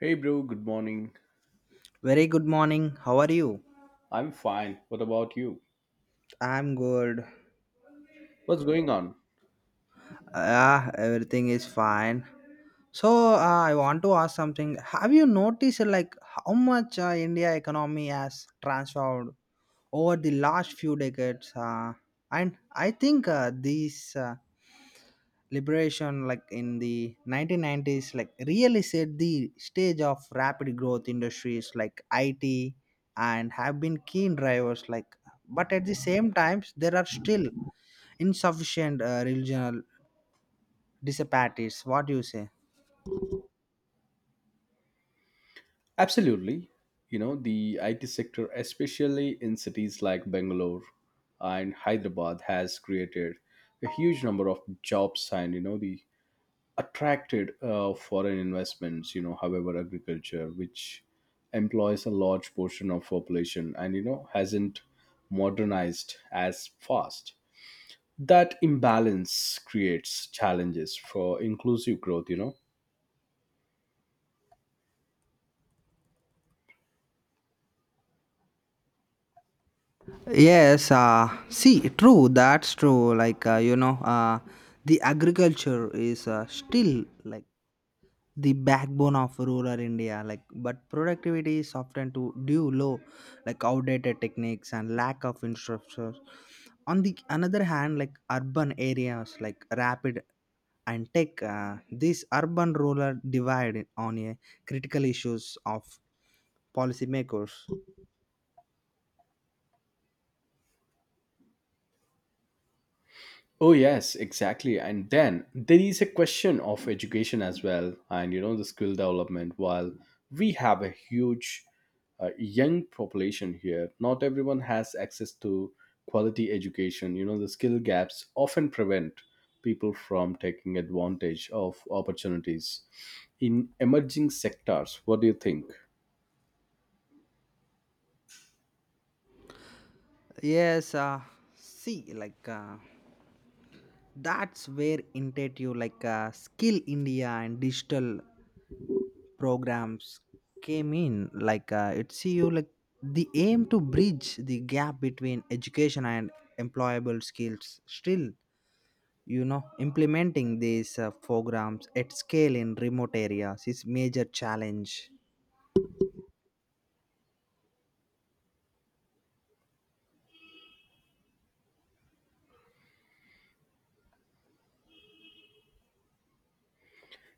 Hey, bro, good morning. Very good morning. How are you? I'm fine. What about you? I'm good. What's going on? Yeah, everything is fine. So uh, I want to ask something. Have you noticed like how much India economy has transformed over the last few decades? And I think these liberation like in the 1990s like really set the stage of rapid growth industries like IT and have been keen drivers like, but at the same times there are still insufficient regional disparities. What do you say? Absolutely. You know, the IT sector, especially in cities like Bangalore and Hyderabad, has created a huge number of jobs and, you know, the attracted foreign investments, you know. However, agriculture, which employs a large portion of population and, you know, hasn't modernized as fast. That imbalance creates challenges for inclusive growth, you know. Yes, see, true, that's true. Like, the agriculture is still like the backbone of rural India. Like, but productivity is often to due low, like outdated techniques and lack of infrastructure. On the another hand, like urban areas, like rapid and tech, this urban rural divide on a critical issues of policymakers. Oh, yes, exactly. And then there is a question of education as well, and you know, the skill development. While we have a huge young population here, not everyone has access to quality education. You know, the skill gaps often prevent people from taking advantage of opportunities in emerging sectors. What do you think? yes uh, See like, that's where intuitive like skill India and digital programs came in like it see you like the aim to bridge the gap between education and employable skills. Still, you know, implementing these programs at scale in remote areas is major challenge.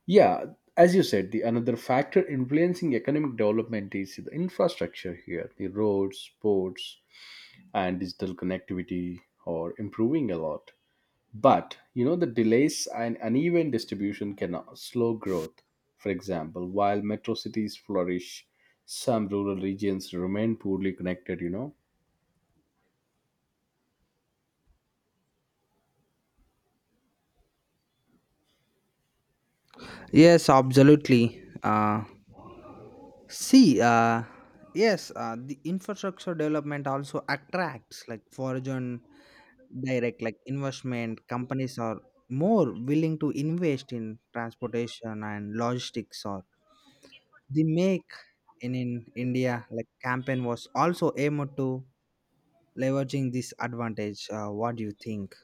Yeah, as you said, the another factor influencing economic development is the infrastructure here, the roads, ports, and digital connectivity are improving a lot. But you know the delays and uneven distribution can slow growth. For example, while metro cities flourish, some rural regions remain poorly connected, you know. Yes absolutely See, yes, the infrastructure development also attracts like foreign direct like investment. Companies are more willing to invest in transportation and logistics. Or the make in India like campaign was also aimed to leveraging this advantage. What do you think?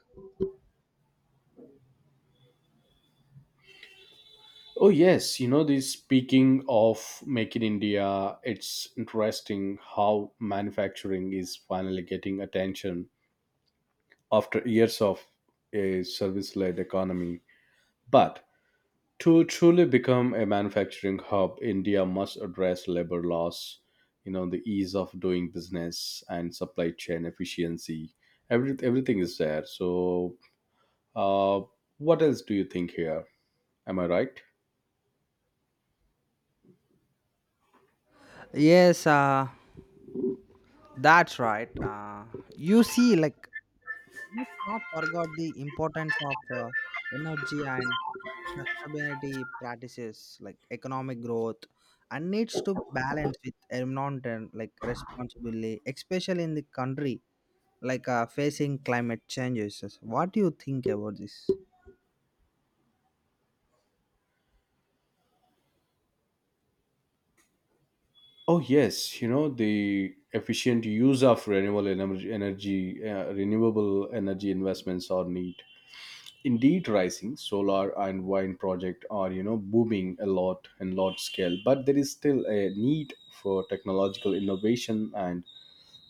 Oh yes, you know, this speaking of Make in India, it's interesting how manufacturing is finally getting attention after years of a service led economy. But to truly become a manufacturing hub, India must address labor laws, you know, the ease of doing business and supply chain efficiency. Everything is there, so uh, what else do you think here? Am I right? Yes, that's right. You see, like, let's not forget the importance of energy and sustainability practices like economic growth and needs to balance with environmental like responsibility, especially in the country like facing climate changes. What do you think about this? Oh yes, you know, the efficient use of renewable energy, energy renewable energy investments are need indeed, rising solar and wind project are, you know, booming a lot in large scale, but there is still a need for technological innovation and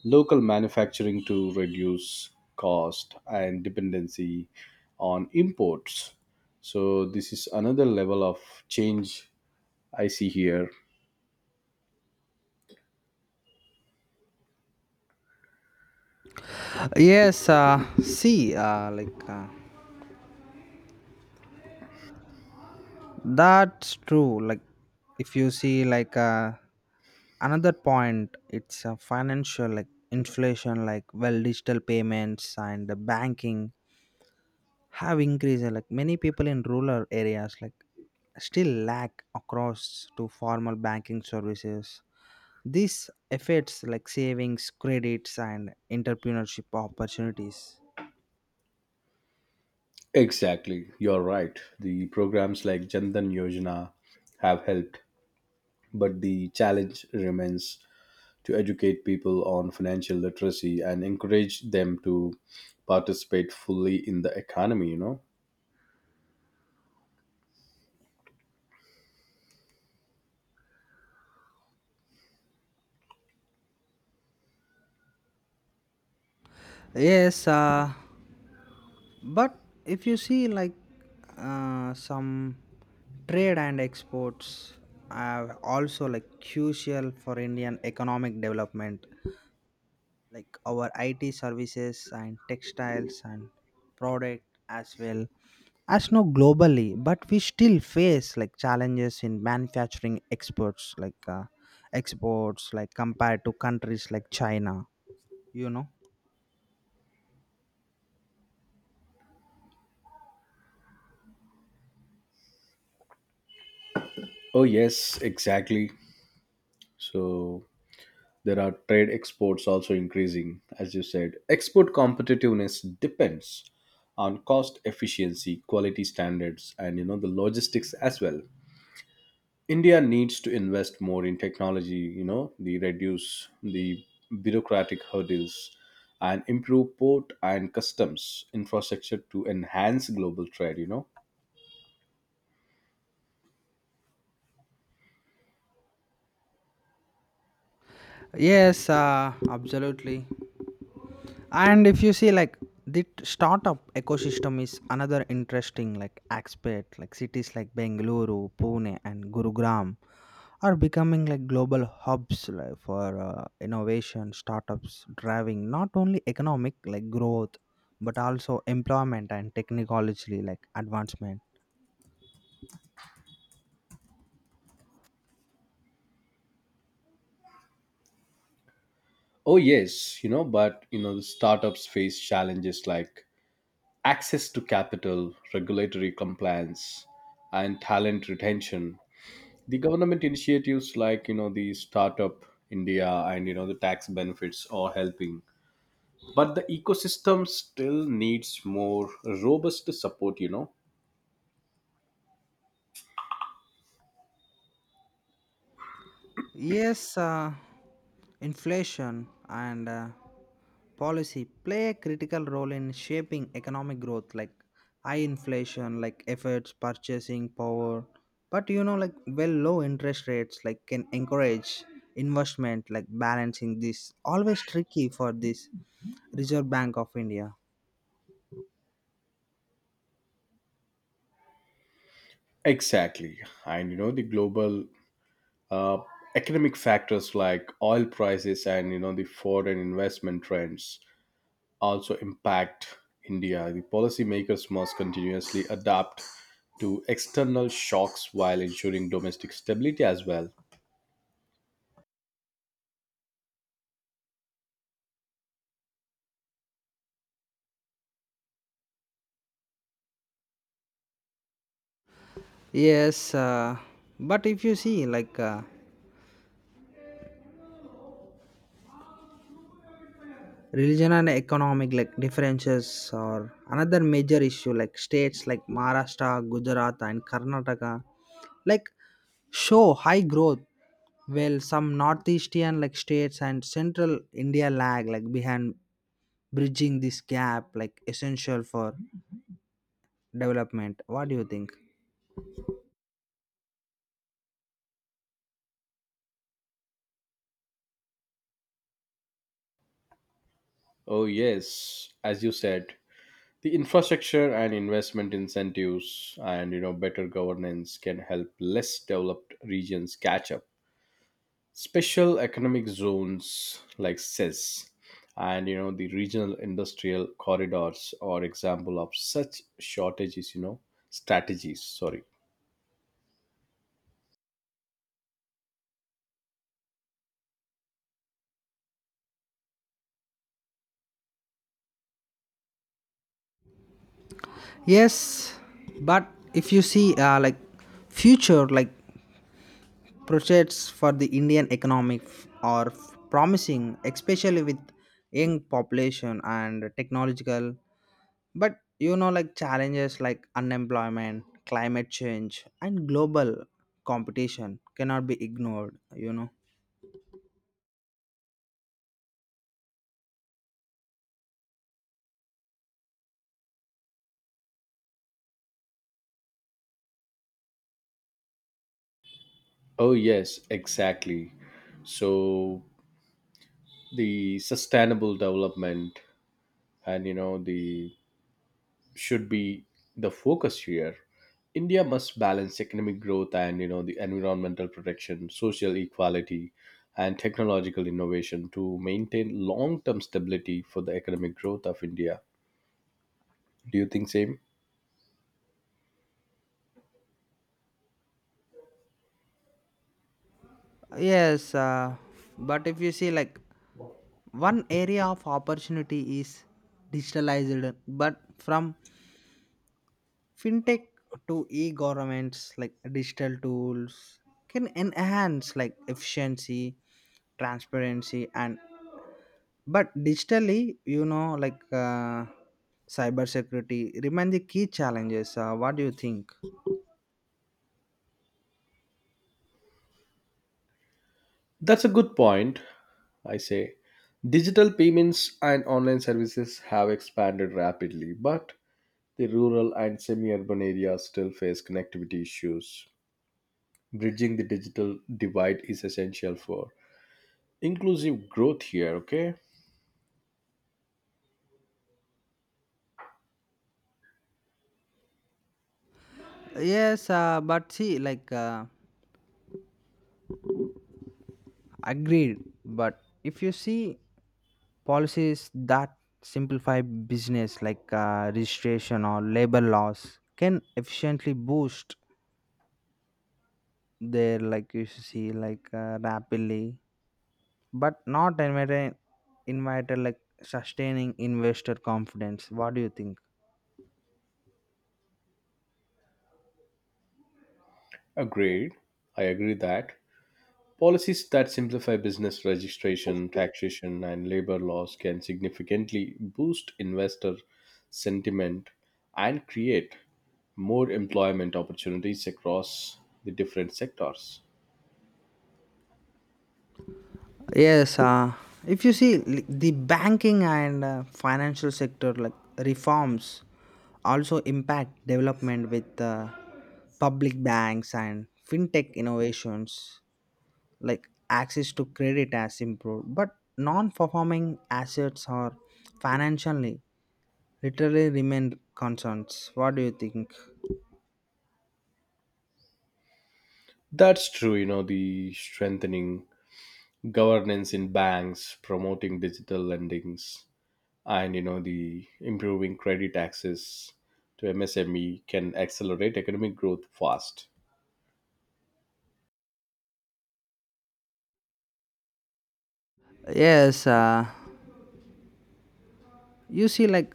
local manufacturing to reduce cost and dependency on imports. So this is another level of change I see here. Yes, see, like. That's true. Like, if you see, like, another point, it's a financial, like, inflation, like, well, digital payments and the banking have increased. Like, many people in rural areas, like, still lack across to formal banking services. This affects, like, savings, credits, and entrepreneurship opportunities. Exactly, you're right. The programs like jandan yojana have helped, but the challenge remains to educate people on financial literacy and encourage them to participate fully in the economy, you know? Yes, but if you see like some trade and exports are also like crucial for Indian economic development, like our IT services and textiles and product as well, as no globally, but we still face like challenges in manufacturing exports, like exports like compared to countries like China, you know. Oh, yes, exactly. So there are trade exports also increasing, as you said. Export competitiveness depends on cost efficiency, quality standards, and you know the logistics as well. India needs to invest more in technology, you know, the reduce the bureaucratic hurdles and improve port and customs infrastructure to enhance global trade, you know. Yes Absolutely. And if you see like the startup ecosystem is another interesting like aspect, like cities like Bengaluru, Pune and Gurugram are becoming like global hubs, like, for innovation startups, driving not only economic like growth, but also employment and technologically like advancement. Oh yes, you know, but you know, the startups face challenges like access to capital, regulatory compliance, and talent retention. The government initiatives like, you know, the startup India and you know the tax benefits are helping, but the ecosystem still needs more robust support, you know. Yes, inflation and policy play a critical role in shaping economic growth, like high inflation, like efforts, purchasing power. But you know, like well, low interest rates, like can encourage investment, like balancing this always tricky for this Reserve Bank of India. Exactly, and you know the global uh, economic factors like oil prices and you know the foreign investment trends also impact India. The policymakers must continuously adapt to external shocks while ensuring domestic stability as well. Yes, but if you see, like, religion and economic like differences are another major issue, like states like Maharashtra, Gujarat and Karnataka like show high growth, while some northeastern like states and central India lag like behind. Bridging this gap like essential for development. What do you think? Oh yes, as you said, the infrastructure and investment incentives and you know better governance can help less developed regions catch up. Special economic zones like ces and you know the regional industrial corridors are example of such shortages, you know, strategies, sorry. Yes, but if you see, like future like projects for the Indian economy are promising, especially with young population and technological. But you know, like challenges like unemployment, climate change, and global competition cannot be ignored. You know. Oh yes, exactly. So the sustainable development and you know the should be the focus here. India must balance economic growth and you know the environmental protection, social equality, and technological innovation to maintain long-term stability for the economic growth of India. Do you think same? Yes, but if you see, like, one area of opportunity is digitalized, but from fintech to e-governments, like digital tools can enhance like efficiency, transparency and, but digitally, you know, like cyber security remain the key challenges. What do you think? That's a good point. I say digital payments and online services have expanded rapidly, but the rural and semi-urban areas still face connectivity issues. Bridging the digital divide is essential for inclusive growth here, okay? Yes but see like, agreed, but if you see policies that simplify business like registration or labor laws can efficiently boost there like, you see like rapidly, but not invited like sustaining investor confidence. What do you think? Agreed. I agree that policies that simplify business registration, taxation, and labor laws can significantly boost investor sentiment and create more employment opportunities across the different sectors. Yes, if you see the banking and financial sector like reforms also impact development with public banks and fintech innovations like access to credit has improved, but non-performing assets are financially literally remain constants. What do you think? That's true, you know, the strengthening governance in banks, promoting digital lendings, and you know the improving credit access to MSME can accelerate economic growth fast. Yes, you see, like,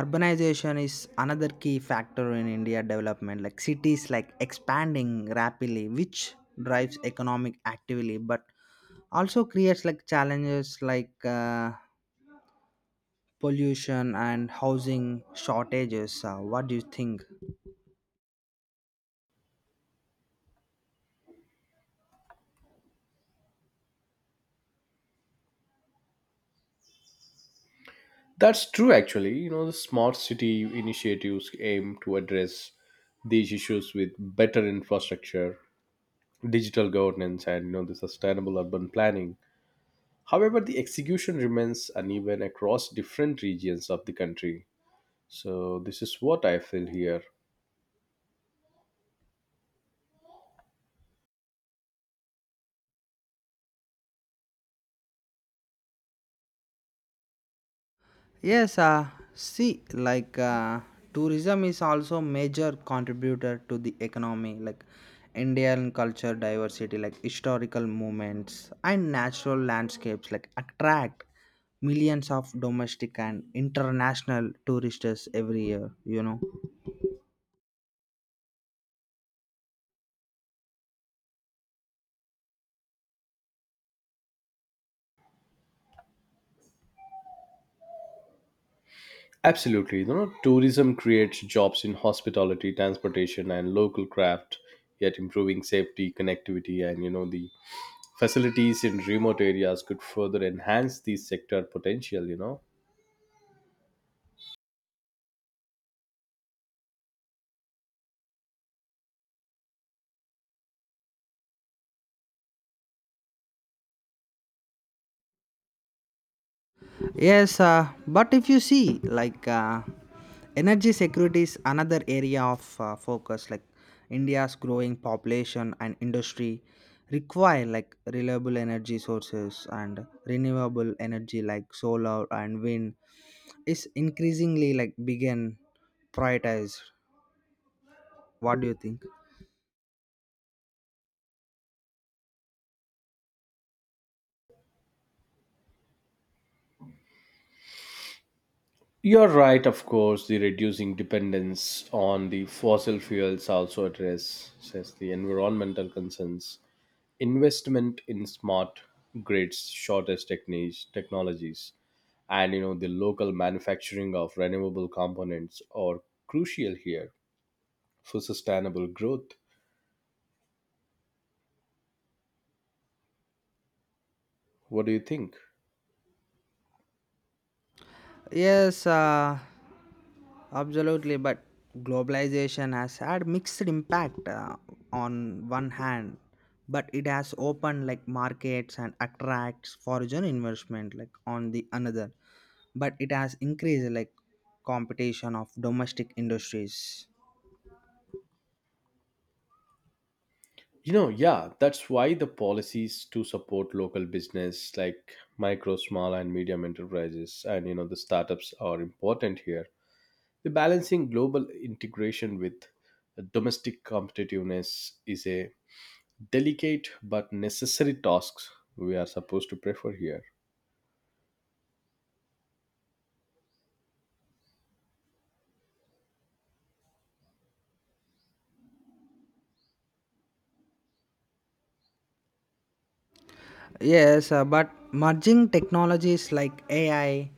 urbanization is another key factor in India development, like cities like expanding rapidly, which drives economic activity, but also creates like challenges like pollution and housing shortages. What do you think? That's true, actually. You know, the smart city initiatives aim to address these issues with better infrastructure, digital governance, and you know the sustainable urban planning. However, the execution remains uneven across different regions of the country. So this is what I feel here. Yes, see, like tourism is also major contributor to the economy, like Indian culture diversity, like historical moments and natural landscapes, like attract millions of domestic and international tourists every year. You know. Absolutely. You know, tourism creates jobs in hospitality, transportation, and local craft, yet improving safety, connectivity, and, you know, the facilities in remote areas could further enhance the sector potential, you know. Yes, but if you see, like, energy security is another area of focus. Like, India's growing population and industry require like reliable energy sources, and renewable energy like solar and wind is increasingly like begin prioritized. What do you think? You're right, of course, the reducing dependence on the fossil fuels also addresses the environmental concerns. Investment in smart grids, shortest techniques, technologies, and you know the local manufacturing of renewable components are crucial here for sustainable growth. What do you think? Yes. Absolutely, but globalization has had mixed impact. On one hand, but it has opened like markets and attracts foreign investment, like on the another, but it has increased like competition of domestic industries. You know, yeah, that's why the policies to support local business like micro small and medium enterprises and you know the startups are important here. The balancing global integration with domestic competitiveness is a delicate but necessary task we are supposed to prefer here. Yes, but merging technologies like AI,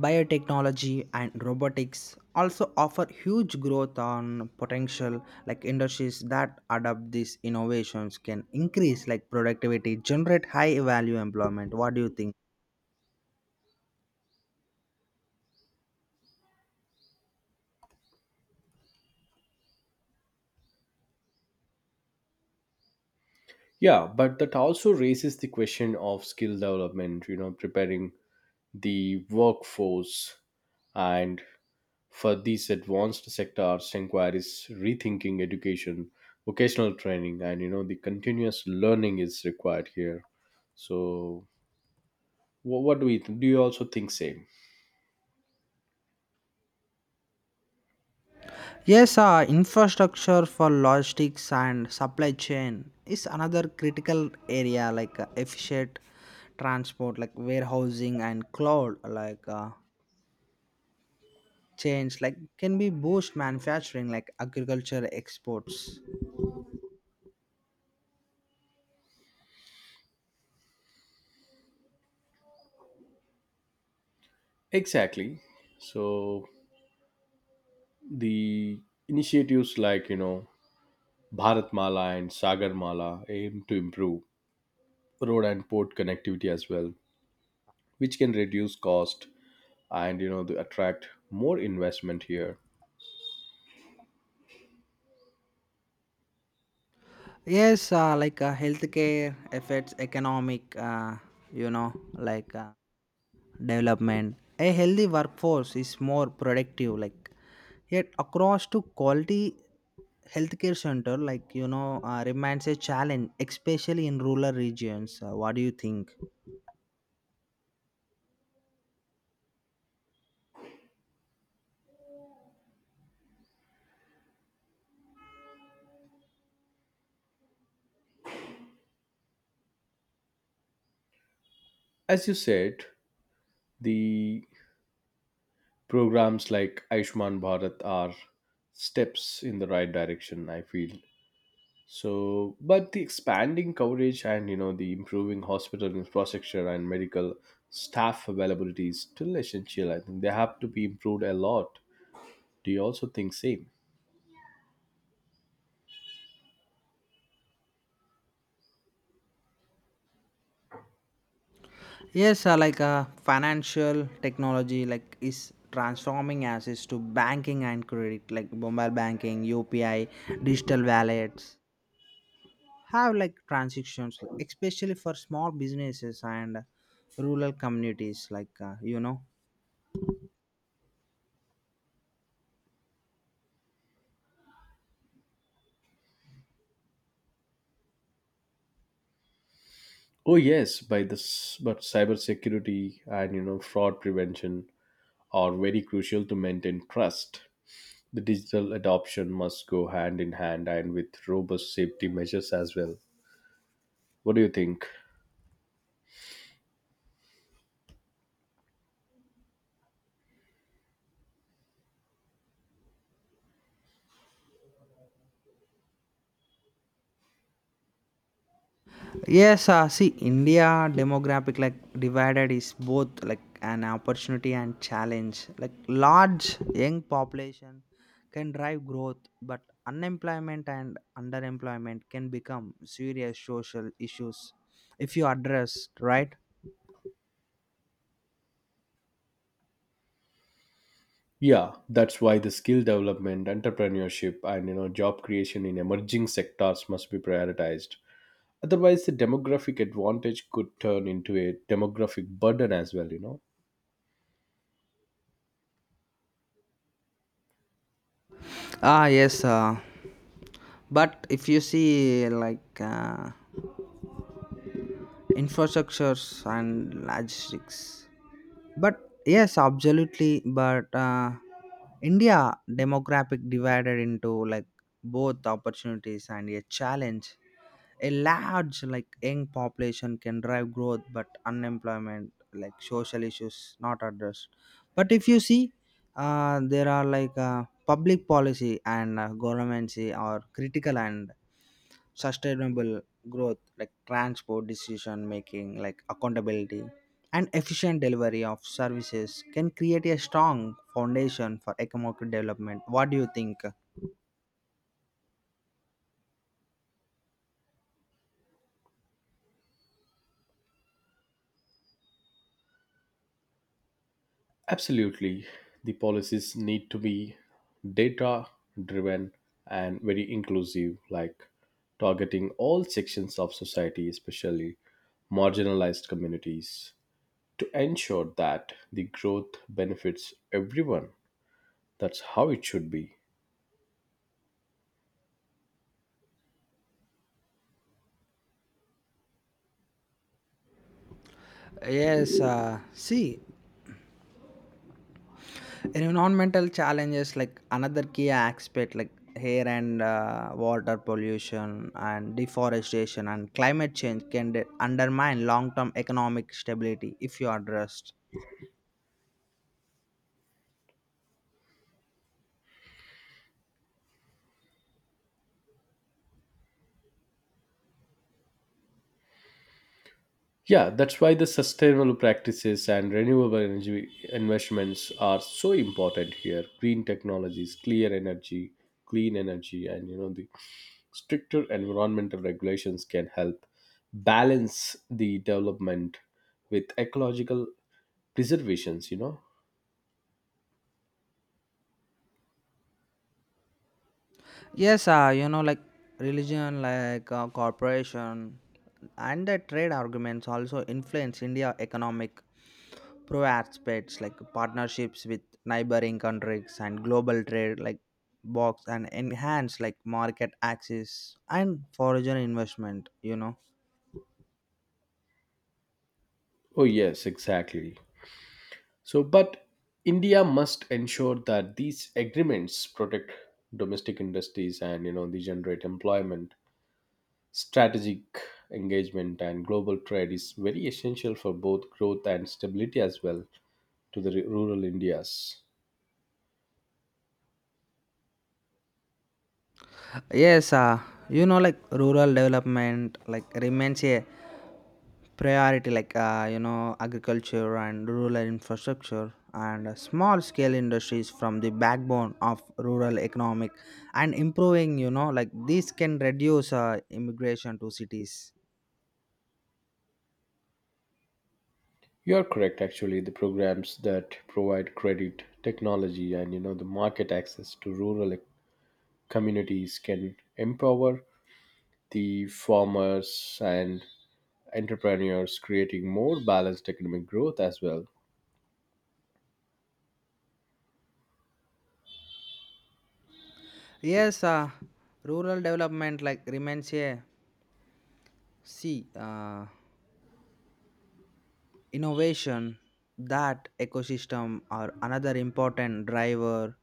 biotechnology, and robotics also offer huge growth on potential. Like industries that adopt these innovations can increase like productivity, generate high value employment. What do you think? Yeah, but that also raises the question of skill development, you know, preparing the workforce and for these advanced sectors inquiries rethinking education, vocational training, and you know the continuous learning is required here. So wha- what do we th- do you also think same? Yes, infrastructure for logistics and supply chain is another critical area, like efficient transport like warehousing and cloud like change like can be boost manufacturing, like agriculture exports. Exactly, so the initiatives like you know bharatmala and sagarmala aim to improve road and port connectivity as well, which can reduce cost and you know the attract more investment here. Healthcare affects economic you know like uh, development. A healthy workforce is more productive, like yet across to quality healthcare center, like, you know, remains a challenge, especially in rural regions. What do you think? As you said, the programs like aishman bharat are steps in the right direction, I feel. So but the expanding coverage and you know the improving hospital infrastructure and medical staff availability is still essential. I think they have to be improved a lot. Do you also think same? Yes, financial technology, like is transforming access to banking and credit, like mobile banking, UPI, digital wallets. Have like transactions, like, especially for small businesses and rural communities, like you know. Oh yes, by this, but cybersecurity and you know fraud prevention are very crucial to maintain trust. The digital adoption must go hand in hand and with robust safety measures as well. What do you think? Yes, see, India demographic like divided is both like an opportunity and challenge. Like large young population can drive growth, but unemployment and underemployment can become serious social issues if you address right. Yeah, that's why the skill development, entrepreneurship, and you know job creation in emerging sectors must be prioritized. Otherwise, the demographic advantage could turn into a demographic burden as well, you know. Ah, yes, but if you see like infrastructures and logistics. But yes, absolutely. But India demographic divided into like both opportunities and a challenge. A large like young population can drive growth, but unemployment, like social issues, not addressed. But if you see, there are like public policy and government or critical and sustainable growth like transport decision making, like accountability and efficient delivery of services can create a strong foundation for economic development. What do you think? Absolutely. The policies need to be data driven and very inclusive, like targeting all sections of society, especially marginalized communities, to ensure that the growth benefits everyone. That's how it should be. Yes See, environmental challenges like another key aspect, like air and water pollution and deforestation and climate change can undermine long-term economic stability if you addressed. Yeah, that's why the sustainable practices and renewable energy investments are so important here. Green technologies, clear energy, clean energy, and you know the Stricter environmental regulations can help balance the development with ecological preservations, you know? Yes, you know, like religion, like corporation, and the trade arguments also influence India economic pro aspects like partnerships with neighboring countries and global trade like box and enhance like market access and foreign investment, you know. Oh, yes, exactly. So, but India must ensure that these agreements protect domestic industries and, you know, they generate employment. Strategic engagement and global trade is very essential for both growth and stability as well to the rural Indias. yes uh, you know, like rural development like remains a priority, like, you know, agriculture and rural infrastructure and small scale industries from the backbone of rural economic, and improving, you know, like this can reduce immigration to cities. You're correct. Actually, the programs that provide credit, technology, and you know the market access to rural communities can empower the farmers and entrepreneurs, creating more balanced economic growth as well. yes uh, Rural development like remains a C innovation that ecosystem are another important driver,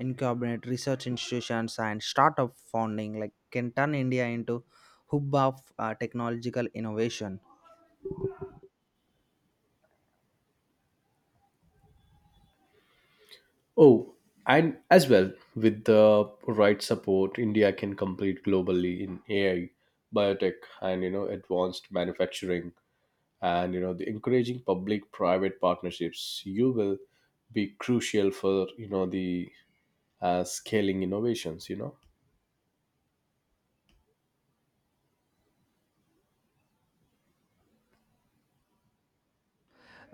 incubate research institutions and startup funding like can turn India into hub of technological innovation. Oh, and as well with the right support, India can compete globally in AI, biotech, and you know advanced manufacturing, and you know the encouraging public private partnerships you will be crucial for, you know, the scaling innovations, you know.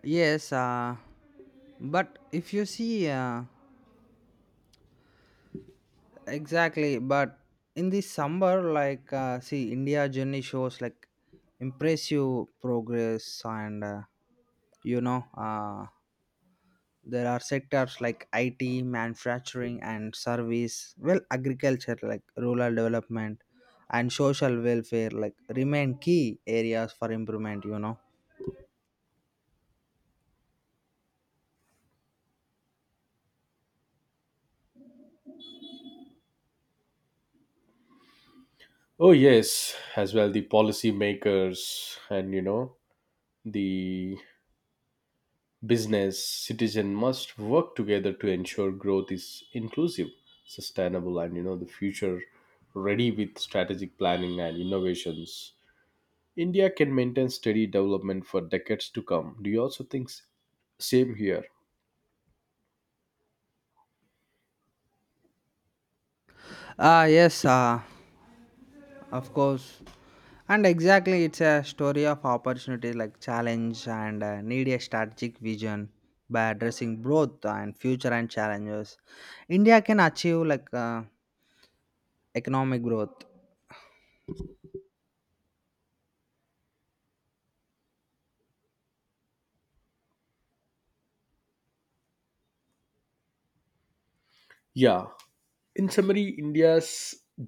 Yes but if you see Exactly, but in this summer like, see India journey shows like impressive progress and you know uh, there are sectors like IT, manufacturing and service, well agriculture like rural development and social welfare like remain key areas for improvement, you know. Oh yes, as well the policy makers and you know the business citizen must work together to ensure growth is inclusive, sustainable, and you know the future ready. With strategic planning and innovations India can maintain steady development for decades to come. Do you also think same here? Ah yes, of course. And exactly it's a story of opportunity like challenge and need a strategic vision. By addressing both and future and challenges, India can achieve like economic growth. Yeah. In summary, India's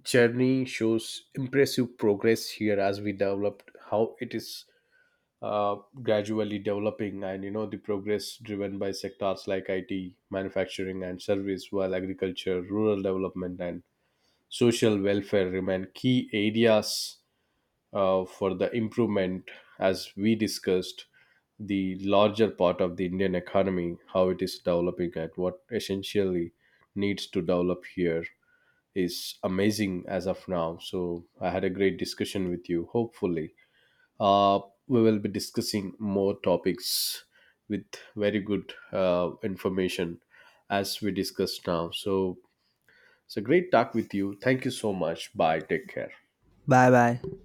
journey shows impressive progress here as we developed how it is uh, gradually developing, and you know the progress driven by sectors like IT, manufacturing, and service, while agriculture, rural development, and social welfare remain key areas for the improvement. As we discussed, the larger part of the Indian economy, how it is developing, and what essentially needs to develop here is amazing as of now. So I had a great discussion with you. Hopefully, uh, we will be discussing more topics with very good information as we discussed now. So it's a great talk with you. Thank you so much. Bye. Take care. Bye bye.